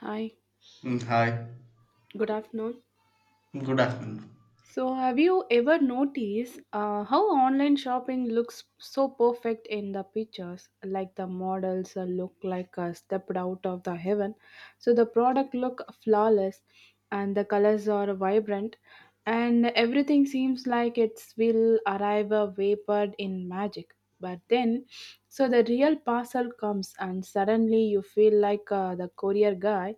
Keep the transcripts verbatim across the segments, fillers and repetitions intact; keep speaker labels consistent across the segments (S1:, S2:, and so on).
S1: Hi,
S2: Mm, Hi,
S1: good afternoon.
S2: good afternoon.
S1: So, have you ever noticed uh, how online shopping looks so perfect in the pictures? Like the models uh, look like uh, stepped out of the heaven. So the product look flawless, and the colors are vibrant, and everything seems like it will arrive uh, vapored in magic. But then, so the real parcel comes, and suddenly you feel like uh, the courier guy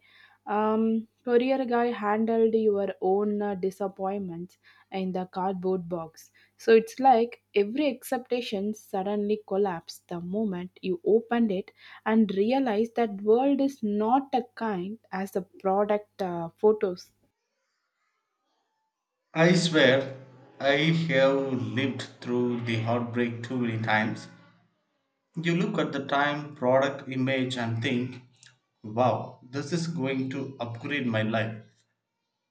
S1: Um, courier guy handled your own uh, disappointments in the cardboard box. So it's like every expectation suddenly collapsed the moment you opened it and realized that world is not a kind as the product uh, photos.
S2: I swear, I have lived through the heartbreak too many times. You look at the time, product, image, and think, wow, this is going to upgrade my life.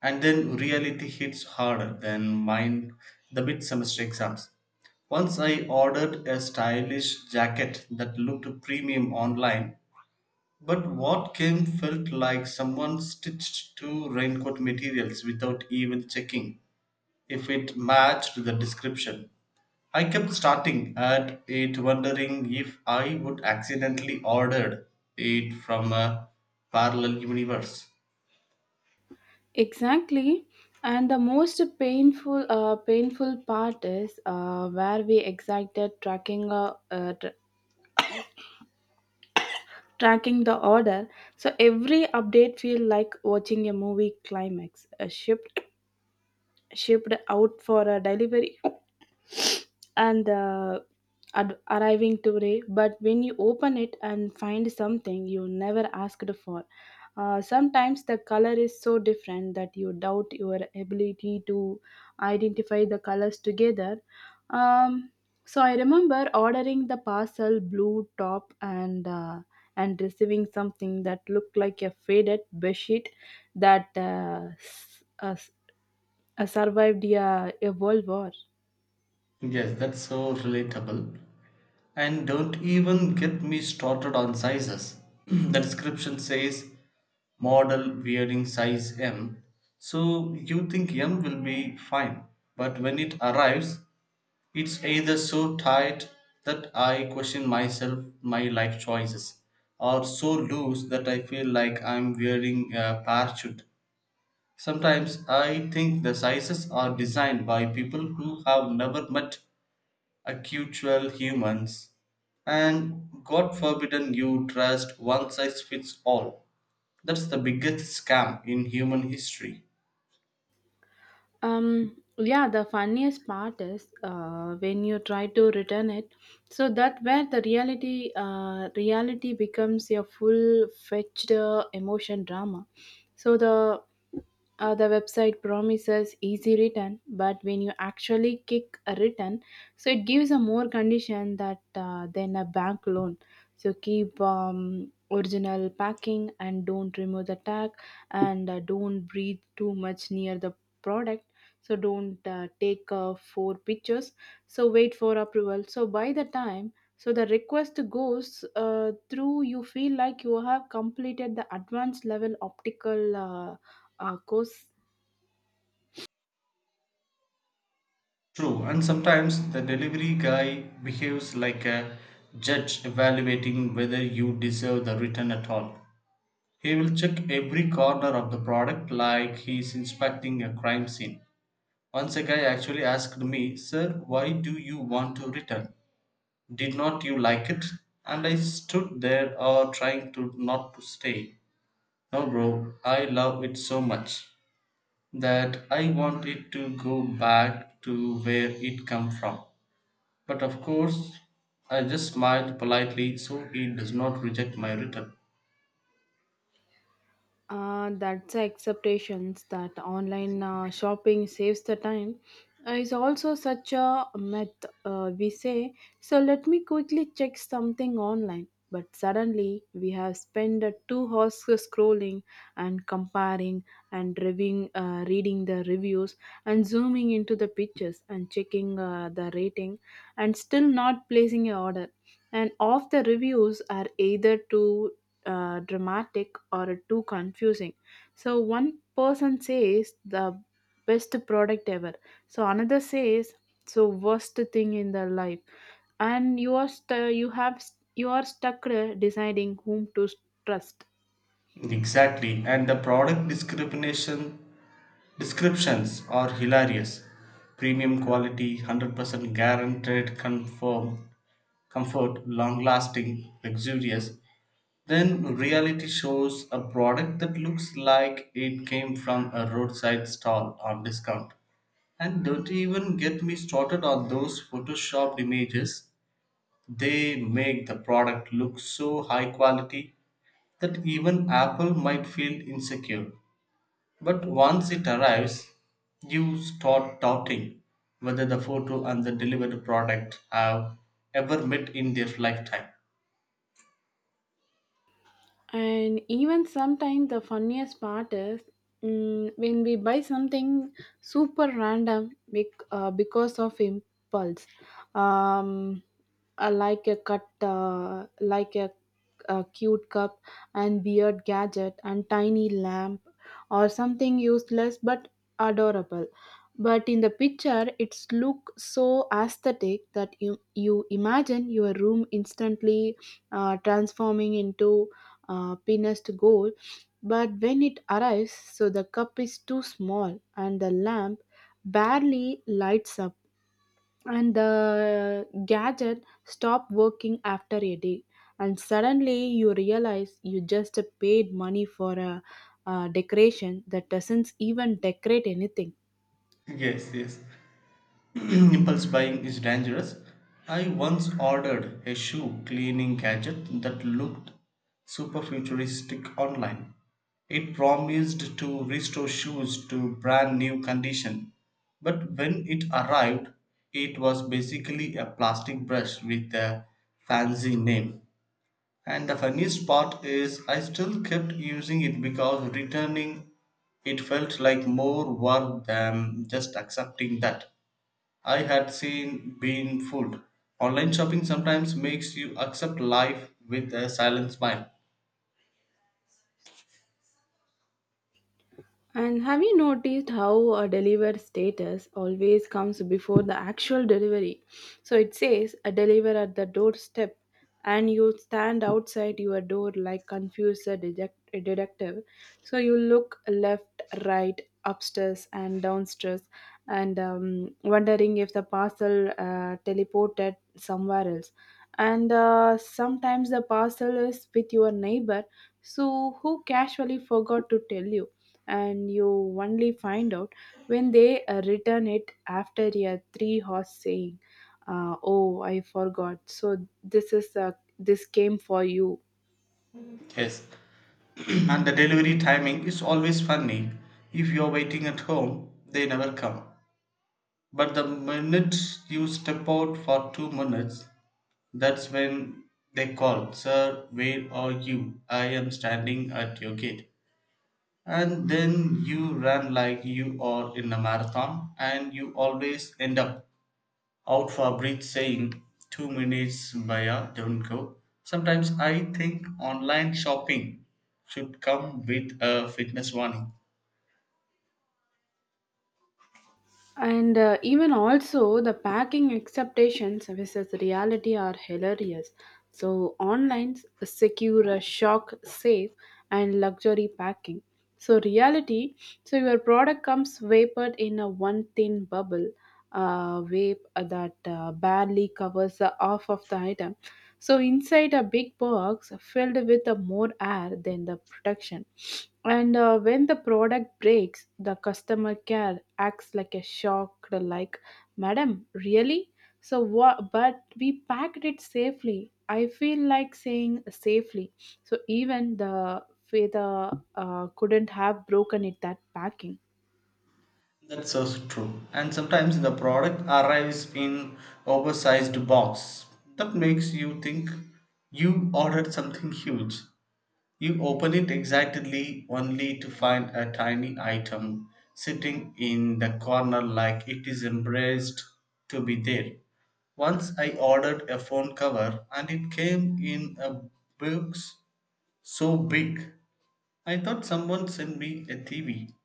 S2: And then reality hits harder than mine the mid semester exams. Once I ordered a stylish jacket that looked premium online, but what came felt like someone stitched two raincoat materials without even checking if it matched the description. I kept starting at it, wondering if I would accidentally ordered it from a parallel universe.
S1: Exactly. And the most painful, uh, painful part is uh, where we excited tracking, uh, uh, tr- tracking the order so every update feel like watching a movie climax a shipped shipped out for a delivery and uh, ad- arriving today, but when you open it and find something you never asked for. Uh, sometimes the color is so different that you doubt your ability to identify the colors together. um, so I remember ordering the parcel blue top and uh, and receiving something that looked like a faded bedsheet that uh, s- uh, s- uh, survived a, a world war.
S2: Yes, that's so relatable. And don't even get me started on sizes. The description says model wearing size M. So you think M will be fine, but when it arrives, it's either so tight that I question myself, my life choices, or so loose that I feel like I'm wearing a parachute. Sometimes I think the sizes are designed by people who have never met actual humans, and God forbidden you trust one size fits all. That's the biggest scam in human history.
S1: Um, yeah, the funniest part is uh, when you try to return it. So that where the reality uh, reality becomes your full fetched uh, emotion drama. So the uh, the website promises easy return, but when you actually kick a return, so it gives a more condition that uh, than a bank loan. So keep um, original packing, and don't remove the tag, and uh, don't breathe too much near the product. So don't uh, take uh, four pictures. So wait for approval. So by the time so the request goes uh, through, you feel like you have completed the advanced level optical. Uh, of course,
S2: True, and sometimes the delivery guy behaves like a judge evaluating whether you deserve the return at all. He will check every corner of the product like he's inspecting a crime scene. Once a guy actually asked me, "Sir, why do you want to return? Did not you like it?" And I stood there or trying to not to stay. "No bro, I love it so much that I want it to go back to where it came from." But of course, I just smiled politely so he does not reject my return.
S1: uh, that's the acceptations that online uh, shopping saves the time uh, is also such a myth uh, we say. So let me quickly check something online. But suddenly we have spent uh, two hours scrolling and comparing and reviewing, uh, reading the reviews and zooming into the pictures and checking uh, the rating and still not placing an order, and of the reviews are either too uh, dramatic or too confusing. So one person says the best product ever. So another says so worst thing in their life, and you are st- you have you are stuck uh, deciding whom to trust.
S2: Exactly, and the product discrimination descriptions are hilarious. Premium quality, one hundred percent guaranteed, confirm, comfort, long lasting, luxurious. Then reality shows a product that looks like it came from a roadside stall on discount. And don't even get me started on those photoshopped images. They make the product look so high quality that even Apple might feel insecure. But once it arrives, you start doubting whether the photo and the delivered product have ever met in their lifetime.
S1: And even sometimes the funniest part is, mm, when we buy something super random bec- uh, because of impulse. um uh, like a cut uh, like a, a cute cup and weird gadget and tiny lamp or something useless but adorable, but in the picture it's look so aesthetic that you, you imagine your room instantly uh, transforming into uh, thinnest gold, but when it arrives, so the cup is too small and the lamp barely lights up, and the gadget stop working after a day. And suddenly you realize you just paid money for a, a decoration that doesn't even decorate anything.
S2: Yes, yes. Impulse buying is dangerous. I once ordered a shoe cleaning gadget that looked super futuristic online. It promised to restore shoes to brand new condition, but when it arrived, it was basically a plastic brush with a fancy name. And the funniest part is, I still kept using it because returning it felt like more work than just accepting that I had seen been fooled. Online shopping sometimes makes you accept life with a silent smile.
S1: And have you noticed how a delivered status always comes before the actual delivery? So it says a deliver at the doorstep, and you stand outside your door like confused a detect- a detective. So you look left, right, upstairs, and downstairs, and um, wondering if the parcel uh, teleported somewhere else. And uh, sometimes the parcel is with your neighbor, so who casually forgot to tell you, and you only find out when they uh, return it after a three horse saying, uh, oh, I forgot, so this is uh, this came for you.
S2: Yes. And the delivery timing is always funny. If you're waiting at home, they never come. But the minute you step out for two minutes, that's when they call, "Sir, where are you? I am standing at your gate." And then you run like you are in a marathon and you always end up out for a breath saying, "Two minutes Baya, don't go." Sometimes I think online shopping should come with a fitness warning.
S1: And uh, even also the packing expectations versus reality are hilarious. So online secure, shock, safe, and luxury packing. So reality, so your product comes vapored in a one thin bubble, uh, vape that uh, barely covers the half of the item. So inside a big box filled with uh, more air than the protection. And uh, when the product breaks, the customer care acts like a shock, like, Madam, really? So what? But we packed it safely. I feel like saying safely. So even the feather uh, couldn't have broken it that packing.
S2: That's so true. And sometimes the product arrives in oversized box. That makes you think you ordered something huge. You open it excitedly only to find a tiny item sitting in the corner like it is embraced to be there. Once I ordered a phone cover and it came in a box so big. I thought someone sent me a T V.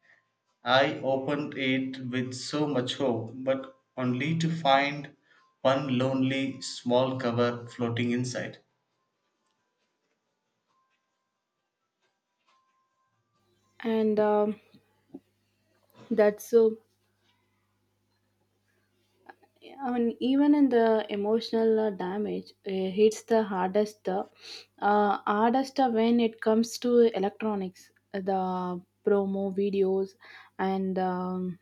S2: I opened it with so much hope, but only to find one lonely small cover floating inside.
S1: And um, that's so, I mean, even in the emotional uh, damage, it hits the hardest. Uh, uh, hardest uh, when it comes to electronics, the promo videos, and um,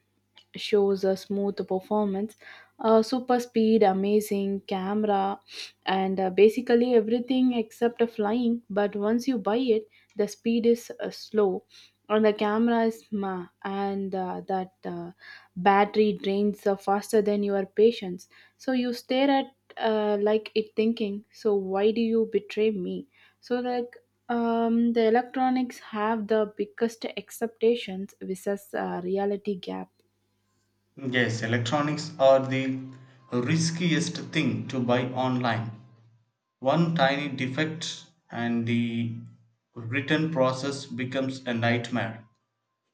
S1: shows a smooth performance, uh, super speed, amazing camera, and uh, basically everything except the flying. But once you buy it, the speed is uh, slow, and the camera is ma, and uh, that uh, battery drains uh, faster than your patience. So you stare at uh, like it thinking, so why do you betray me? So like, um, the electronics have the biggest expectations versus uh, reality gap.
S2: Yes, electronics are the riskiest thing to buy online. One tiny defect and the return process becomes a nightmare.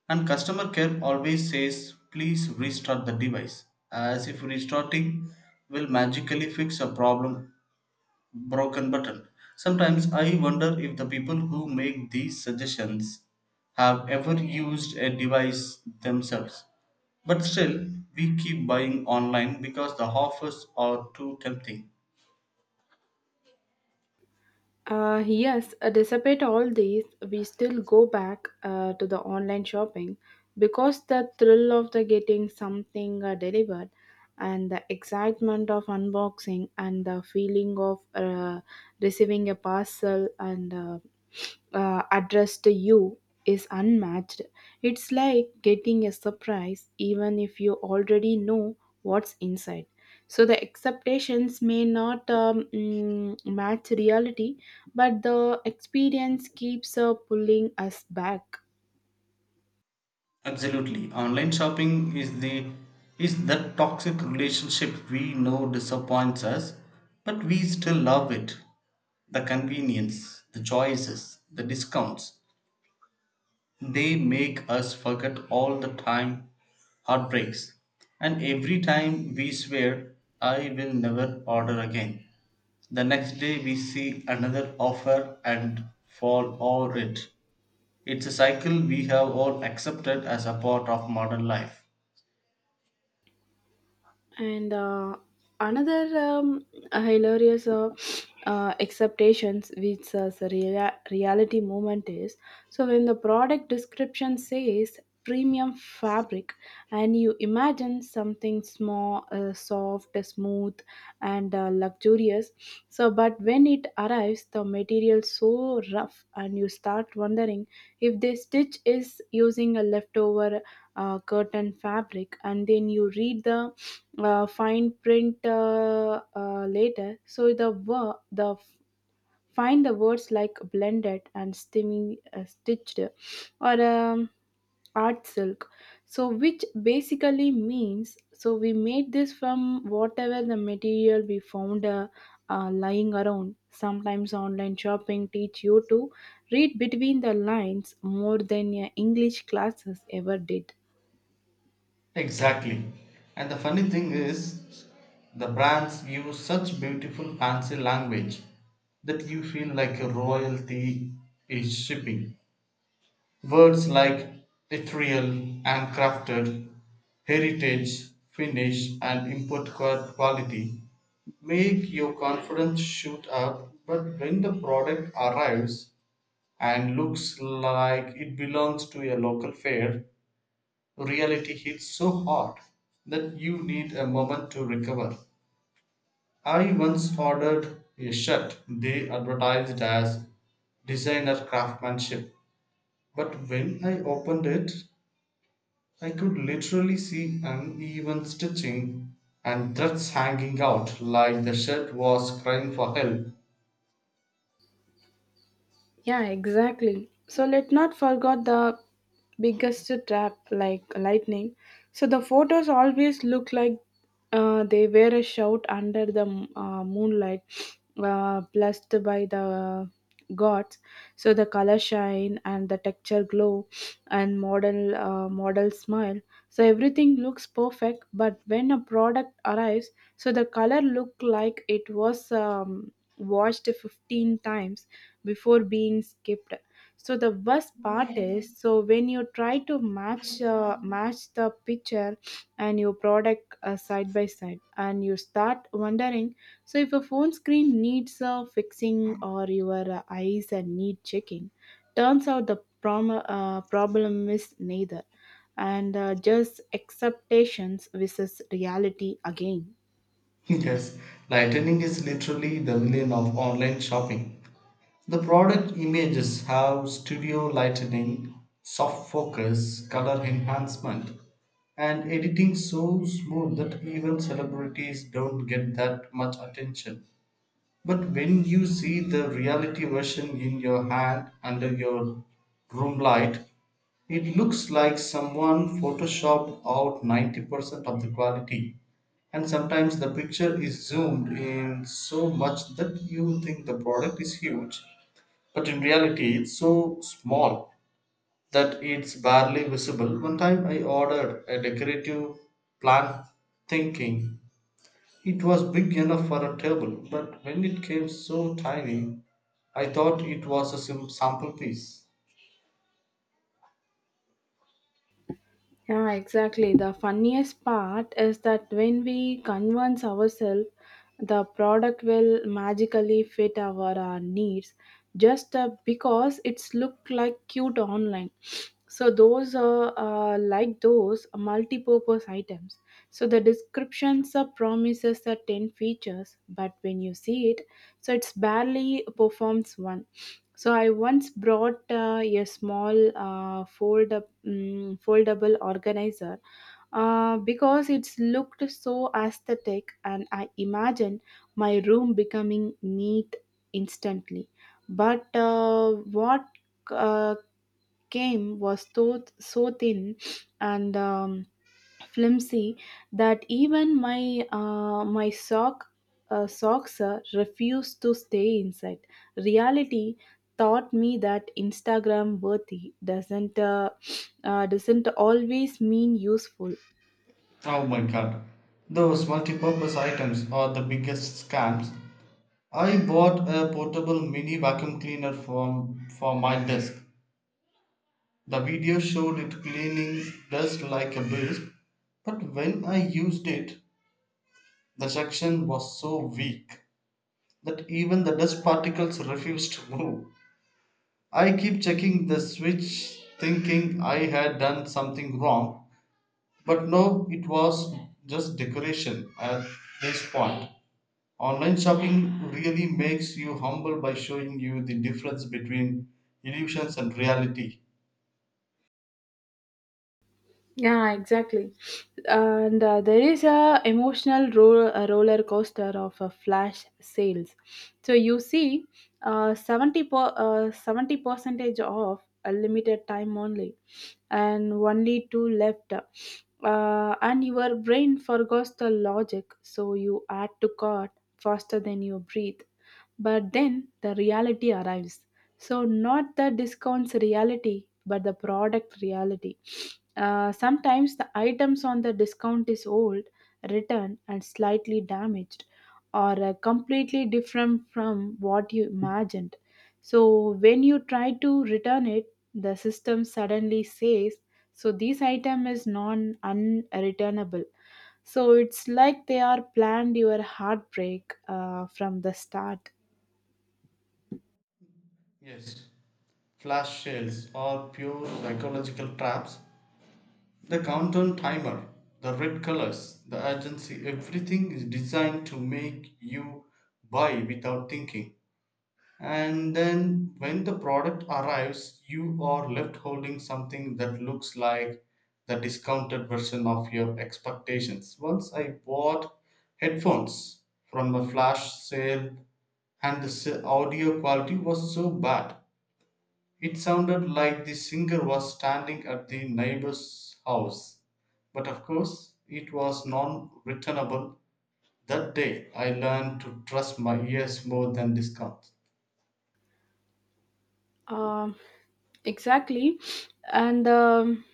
S2: And customer care always says, "Please restart the device," as if restarting will magically fix a problem broken button. Sometimes I wonder if the people who make these suggestions have ever used a device themselves. But still, we keep buying online because the offers are too tempting.
S1: Uh, yes, uh, despite all these, we still go back uh, to the online shopping because the thrill of the getting something uh, delivered and the excitement of unboxing and the feeling of uh, receiving a parcel and uh, uh, addressed to you is unmatched. It's like getting a surprise even if you already know what's inside. So the expectations may not um, mm, match reality, but the experience keeps uh, pulling us back.
S2: Absolutely. Online shopping is the Is that toxic relationship we know disappoints us, but we still love it. The convenience, the choices, the discounts, they make us forget all the time heartbreaks. And every time we swear, "I will never order again." The next day we see another offer and fall over it. It's a cycle we have all accepted as a part of modern life.
S1: And uh, another um, hilarious uh, uh, acceptations which uh, the rea- reality movement is, so when the product description says premium fabric, and you imagine something small, uh, soft, smooth, and uh, luxurious. So but when it arrives, the material so rough, and you start wondering if the stitch is using a leftover uh, curtain fabric, and then you read the uh, fine print uh, uh, later. So the word the find the words like blended and stimming, uh, stitched, or um, art silk. So which basically means, so we made this from whatever the material we found uh, uh, lying around. Sometimes online shopping teach you to read between the lines more than your English classes ever did.
S2: Exactly. And the funny thing is, the brands use such beautiful fancy language that you feel like a royalty is shipping. Words like ethereal and crafted, heritage, finish, and import qua- quality make your confidence shoot up, but when the product arrives and looks like it belongs to a local fair, reality hits so hard that you need a moment to recover. I once ordered a shirt they advertised as designer craftsmanship, but when I opened it, I could literally see uneven stitching and threads hanging out like the shirt was crying for help.
S1: Yeah, exactly. So let not forget the biggest trap like lightning. So the photos always look like uh, they were a shout under the uh, moonlight, uh, blessed by the gods. So the color shine and the texture glow and model uh, model smile. So everything looks perfect, but when a product arrives, so the color look like it was um, washed fifteen times before being skipped. So the worst part is, so when you try to match uh, match the picture and your product uh, side by side, and you start wondering so if a phone screen needs uh, fixing or your uh, eyes uh, need checking. Turns out the prom- uh, problem is neither, and uh, just acceptations versus reality again.
S2: Yes, lightning is literally the villain of online shopping. The product images have studio lighting, soft focus, color enhancement, and editing so smooth that even celebrities don't get that much attention. But when you see the reality version in your hand under your room light, it looks like someone photoshopped out ninety percent of the quality, and sometimes the picture is zoomed in so much that you think the product is huge, but in reality, it's so small that it's barely visible. One time I ordered a decorative plant thinking it was big enough for a table, but when it came so tiny, I thought it was a sim- sample piece.
S1: Yeah, exactly. The funniest part is that when we convince ourselves the product will magically fit our uh, needs just uh, because it's look like cute online. So those are uh, like those multi-purpose items. So the descriptions uh, promises the ten features, but when you see it, so it's barely performs one. So I once brought uh, a small uh, fold up, mm foldable organizer uh, because it's looked so aesthetic, and I imagine my room becoming neat instantly. But uh, what uh, came was so, so thin and um, flimsy that even my uh, my sock uh, socks uh, refused to stay inside. Reality taught me that Instagram worthy doesn't uh, uh, doesn't always mean useful.
S2: Oh my god, those multi-purpose items are the biggest scams. I bought a portable mini vacuum cleaner for for my desk. The video showed it cleaning dust like a beast, but when I used it, the suction was so weak that even the dust particles refused to move. I keep checking the switch thinking I had done something wrong, but no, it was just decoration at this point. Online shopping really makes you humble by showing you the difference between illusions and reality.
S1: Yeah, exactly. And uh, there is a emotional ro- a roller coaster of uh, flash sales. So you see, uh, seventy per- uh, seventy percentage off a limited time only, and only two left. Uh, and your brain forgets the logic, so you add to cart faster than you breathe. But then the reality arrives. So not the discounts reality, but the product reality. Uh, sometimes the items on the discount is old, returned, and slightly damaged, or uh, completely different from what you imagined. So when you try to return it, the system suddenly says, "So this item is non unreturnable." So it's like they are planned your heartbreak uh, from the start.
S2: Yes, flash sales are pure psychological traps. The countdown timer, the red colors, the urgency, everything is designed to make you buy without thinking. And then when the product arrives, you are left holding something that looks like the discounted version of your expectations. Once I bought headphones from a flash sale and the s- audio quality was so bad it sounded like the singer was standing at the neighbor's house, but of course it was non-returnable. That day I learned to trust my ears more than discounts.
S1: Um, exactly, and um,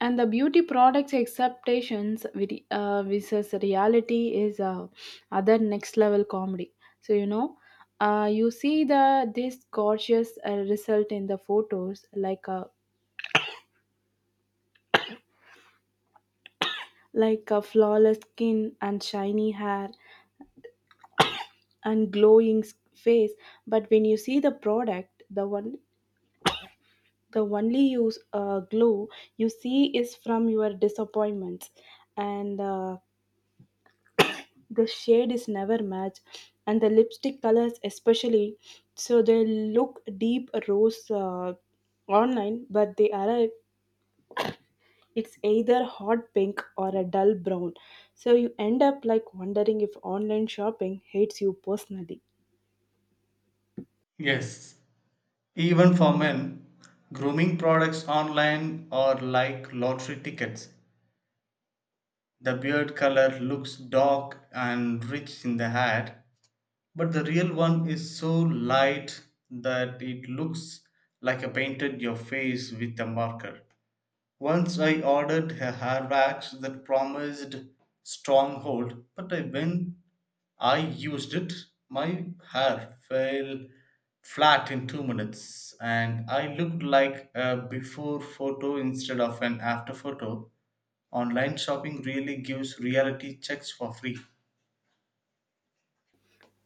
S1: and the beauty products acceptations with uh, versus reality is uh, other next level comedy. So you know, uh, you see the this gorgeous uh, result in the photos, like a like a flawless skin and shiny hair and glowing s- face. But when you see the product, the one the only use uh, glow you see is from your disappointments and. Uh, the shade is never match, and the lipstick colors especially, so they look deep rose uh, online, but they arrive it's either hot pink or a dull brown. So you end up like wondering if online shopping hates you personally.
S2: Yes. Even for men, grooming products online are like lottery tickets. The beard color looks dark and rich in the ad, but the real one is so light that it looks like a painted your face with a marker. Once I ordered a hair wax that promised strong hold, but I- when I used it, my hair fell flat in two minutes and I looked like a before photo instead of an after photo. Online shopping really gives reality checks for free.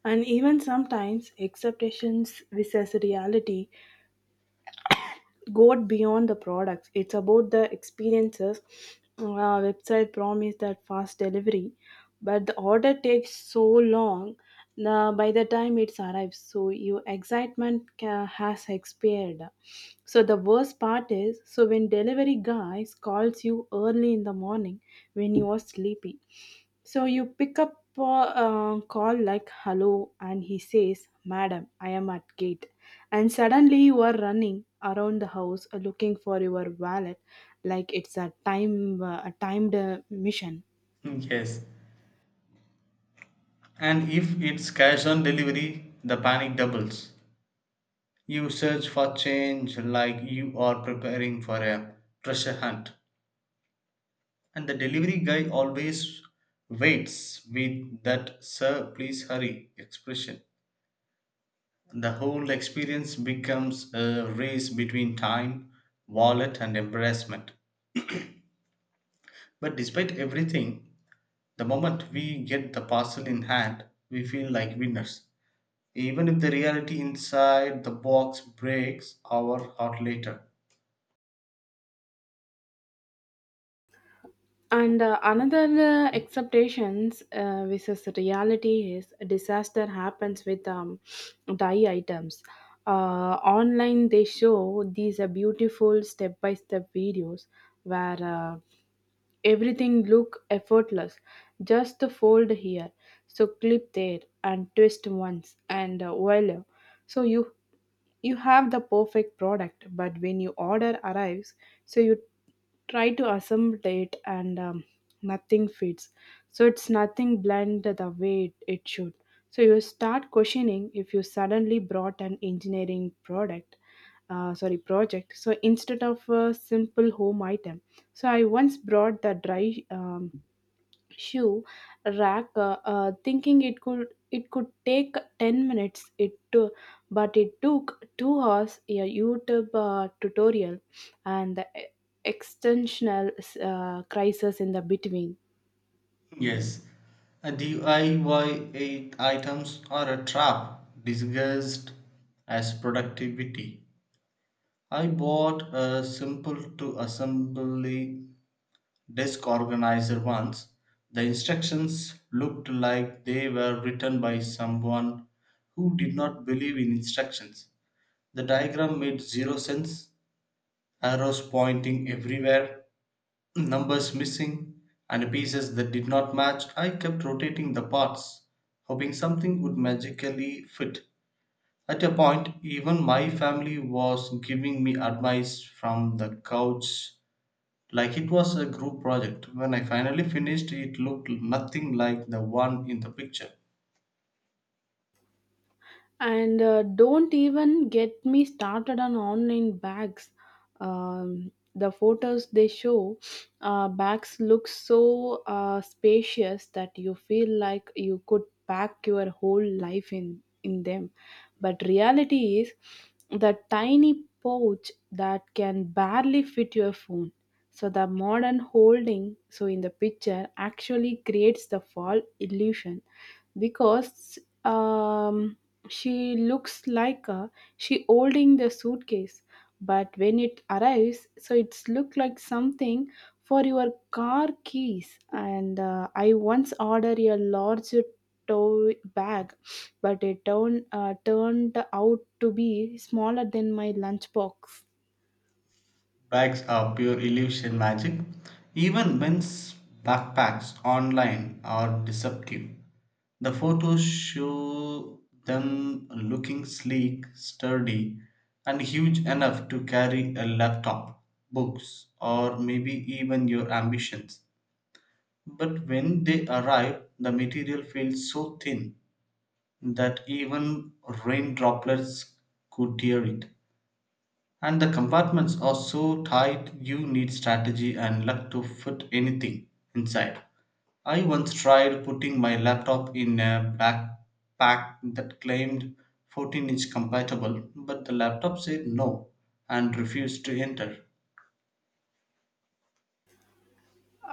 S1: And even sometimes expectations versus reality go beyond the products. It's about the experiences. Uh, website promise that fast delivery, but the order takes so long. Uh, by the time it arrives, so your excitement ca- has expired. So the worst part is, so when delivery guys calls you early in the morning when you are sleepy, so you pick up a uh, call like hello, and he says, "Madam, I am at gate." And suddenly you are running around the house uh, looking for your wallet like it's a time uh, a timed uh, mission.
S2: Yes. And if it's cash on delivery, the panic doubles. You search for change like you are preparing for a treasure hunt. And the delivery guy always waits with that "sir please hurry" expression. The whole experience becomes a race between time, wallet and embarrassment, but despite everything, the moment we get the parcel in hand, we feel like winners, even if the reality inside the box breaks our heart later.
S1: And uh, another uh, expectations uh, versus reality is disaster happens with um, dye items. Uh, Online they show these uh, beautiful step by step videos where uh, everything look effortless, just the fold here, so clip there, and twist once, and uh, voila, so you you have the perfect product. But when your order arrives, so you try to assemble it, and um, nothing fits, so it's nothing blend the way it, it should. So you start questioning if you suddenly brought an engineering product, uh, sorry, project, so instead of a simple home item. So I once brought the dry um, shoe rack, uh, uh, thinking it could it could take ten minutes. It took, but it took two hours. A YouTube uh, tutorial and the e- extensional uh, crisis in the between.
S2: Yes, uh, D I Y eight items are a trap disguised as productivity. I bought a simple to assembly desk organizer once. The instructions looked like they were written by someone who did not believe in instructions. The diagram made zero sense, arrows pointing everywhere, numbers missing and pieces that did not match. I kept rotating the parts, hoping something would magically fit. At a point, even my family was giving me advice from the couch like it was a group project. When I finally finished, it looked nothing like the one in the picture.
S1: And uh, don't even get me started on online bags. Um, the photos they show, uh, bags look so uh, spacious that you feel like you could pack your whole life in in them, but reality is the tiny pouch that can barely fit your phone. So the modern holding, so in the picture, actually creates the fall illusion, because um, she looks like a, she holding the suitcase, but when it arrives, so it's look like something for your car keys. And uh, I once ordered a large tote bag, but it turned uh, turned out to be smaller than my lunchbox.
S2: Bags are pure illusion magic. Even men's backpacks online are deceptive. The photos show them looking sleek, sturdy, and huge enough to carry a laptop, books, or maybe even your ambitions. But when they arrive, the material feels so thin that even rain droplets could tear it. And the compartments are so tight you need strategy and luck to fit anything inside. I once tried putting my laptop in a backpack that claimed fourteen inch compatible, but the laptop said no and refused to enter.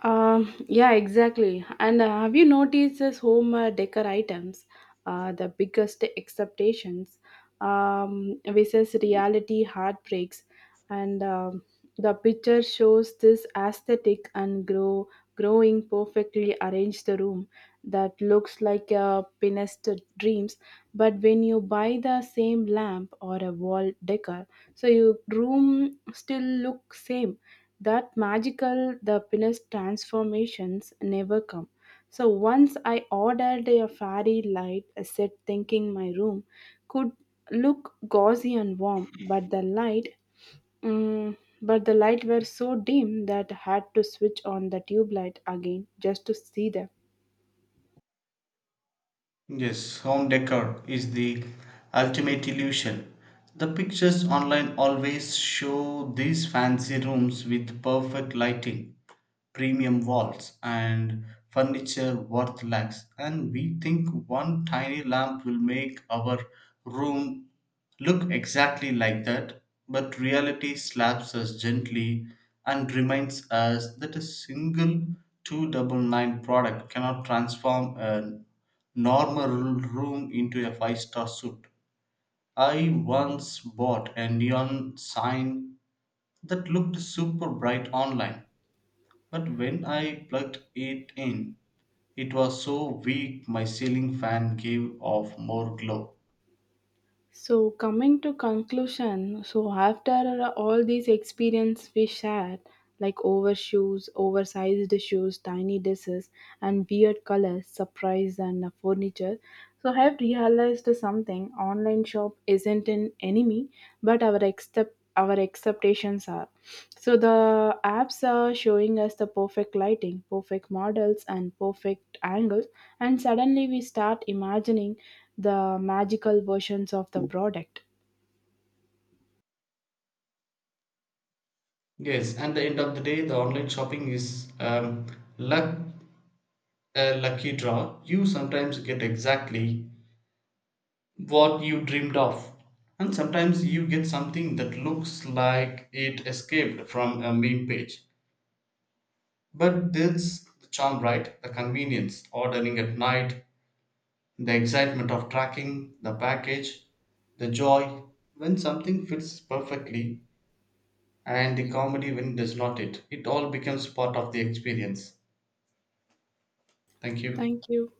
S1: Um, yeah, exactly. And uh, have you noticed this home uh, decor items? Uh, the biggest expectations um, versus reality heartbreaks, and um, the picture shows this aesthetic and grow growing perfectly arranged room that looks like a pinnest dreams. But when you buy the same lamp or a wall decor, so your room still looks same. That magical the pinnace transformations never come. So once I ordered a fairy light set thinking my room could look gauzy and warm, but the light mm, but the light were so dim that I had to switch on the tube light again just to see them.
S2: Yes, home decor is the ultimate illusion. The pictures online always show these fancy rooms with perfect lighting, premium walls, and furniture worth lakhs. And we think one tiny lamp will make our room look exactly like that, but reality slaps us gently and reminds us that a single two ninety-nine product cannot transform an normal room into a five star suite. I once bought a neon sign that looked super bright online, but when I plugged it in, it was so weak my ceiling fan gave off more glow.
S1: So coming to conclusion, so after all these experience we shared, like overshoes, oversized shoes, tiny dresses, and weird colors, surprise, and uh, furniture, so I have realized something. Online shop isn't an enemy, but our accept our expectations are. So the apps are showing us the perfect lighting, perfect models, and perfect angles, and suddenly we start imagining the magical versions of the product.
S2: Yes, and the end of the day, the online shopping is um, luck, a lucky draw. You sometimes get exactly what you dreamed of. And sometimes you get something that looks like it escaped from a meme page. But that's the charm, right? The convenience, ordering at night, the excitement of tracking the package, the joy when something fits perfectly, and the comedy when it does not. It it all becomes part of the experience. Thank you.
S1: Thank you.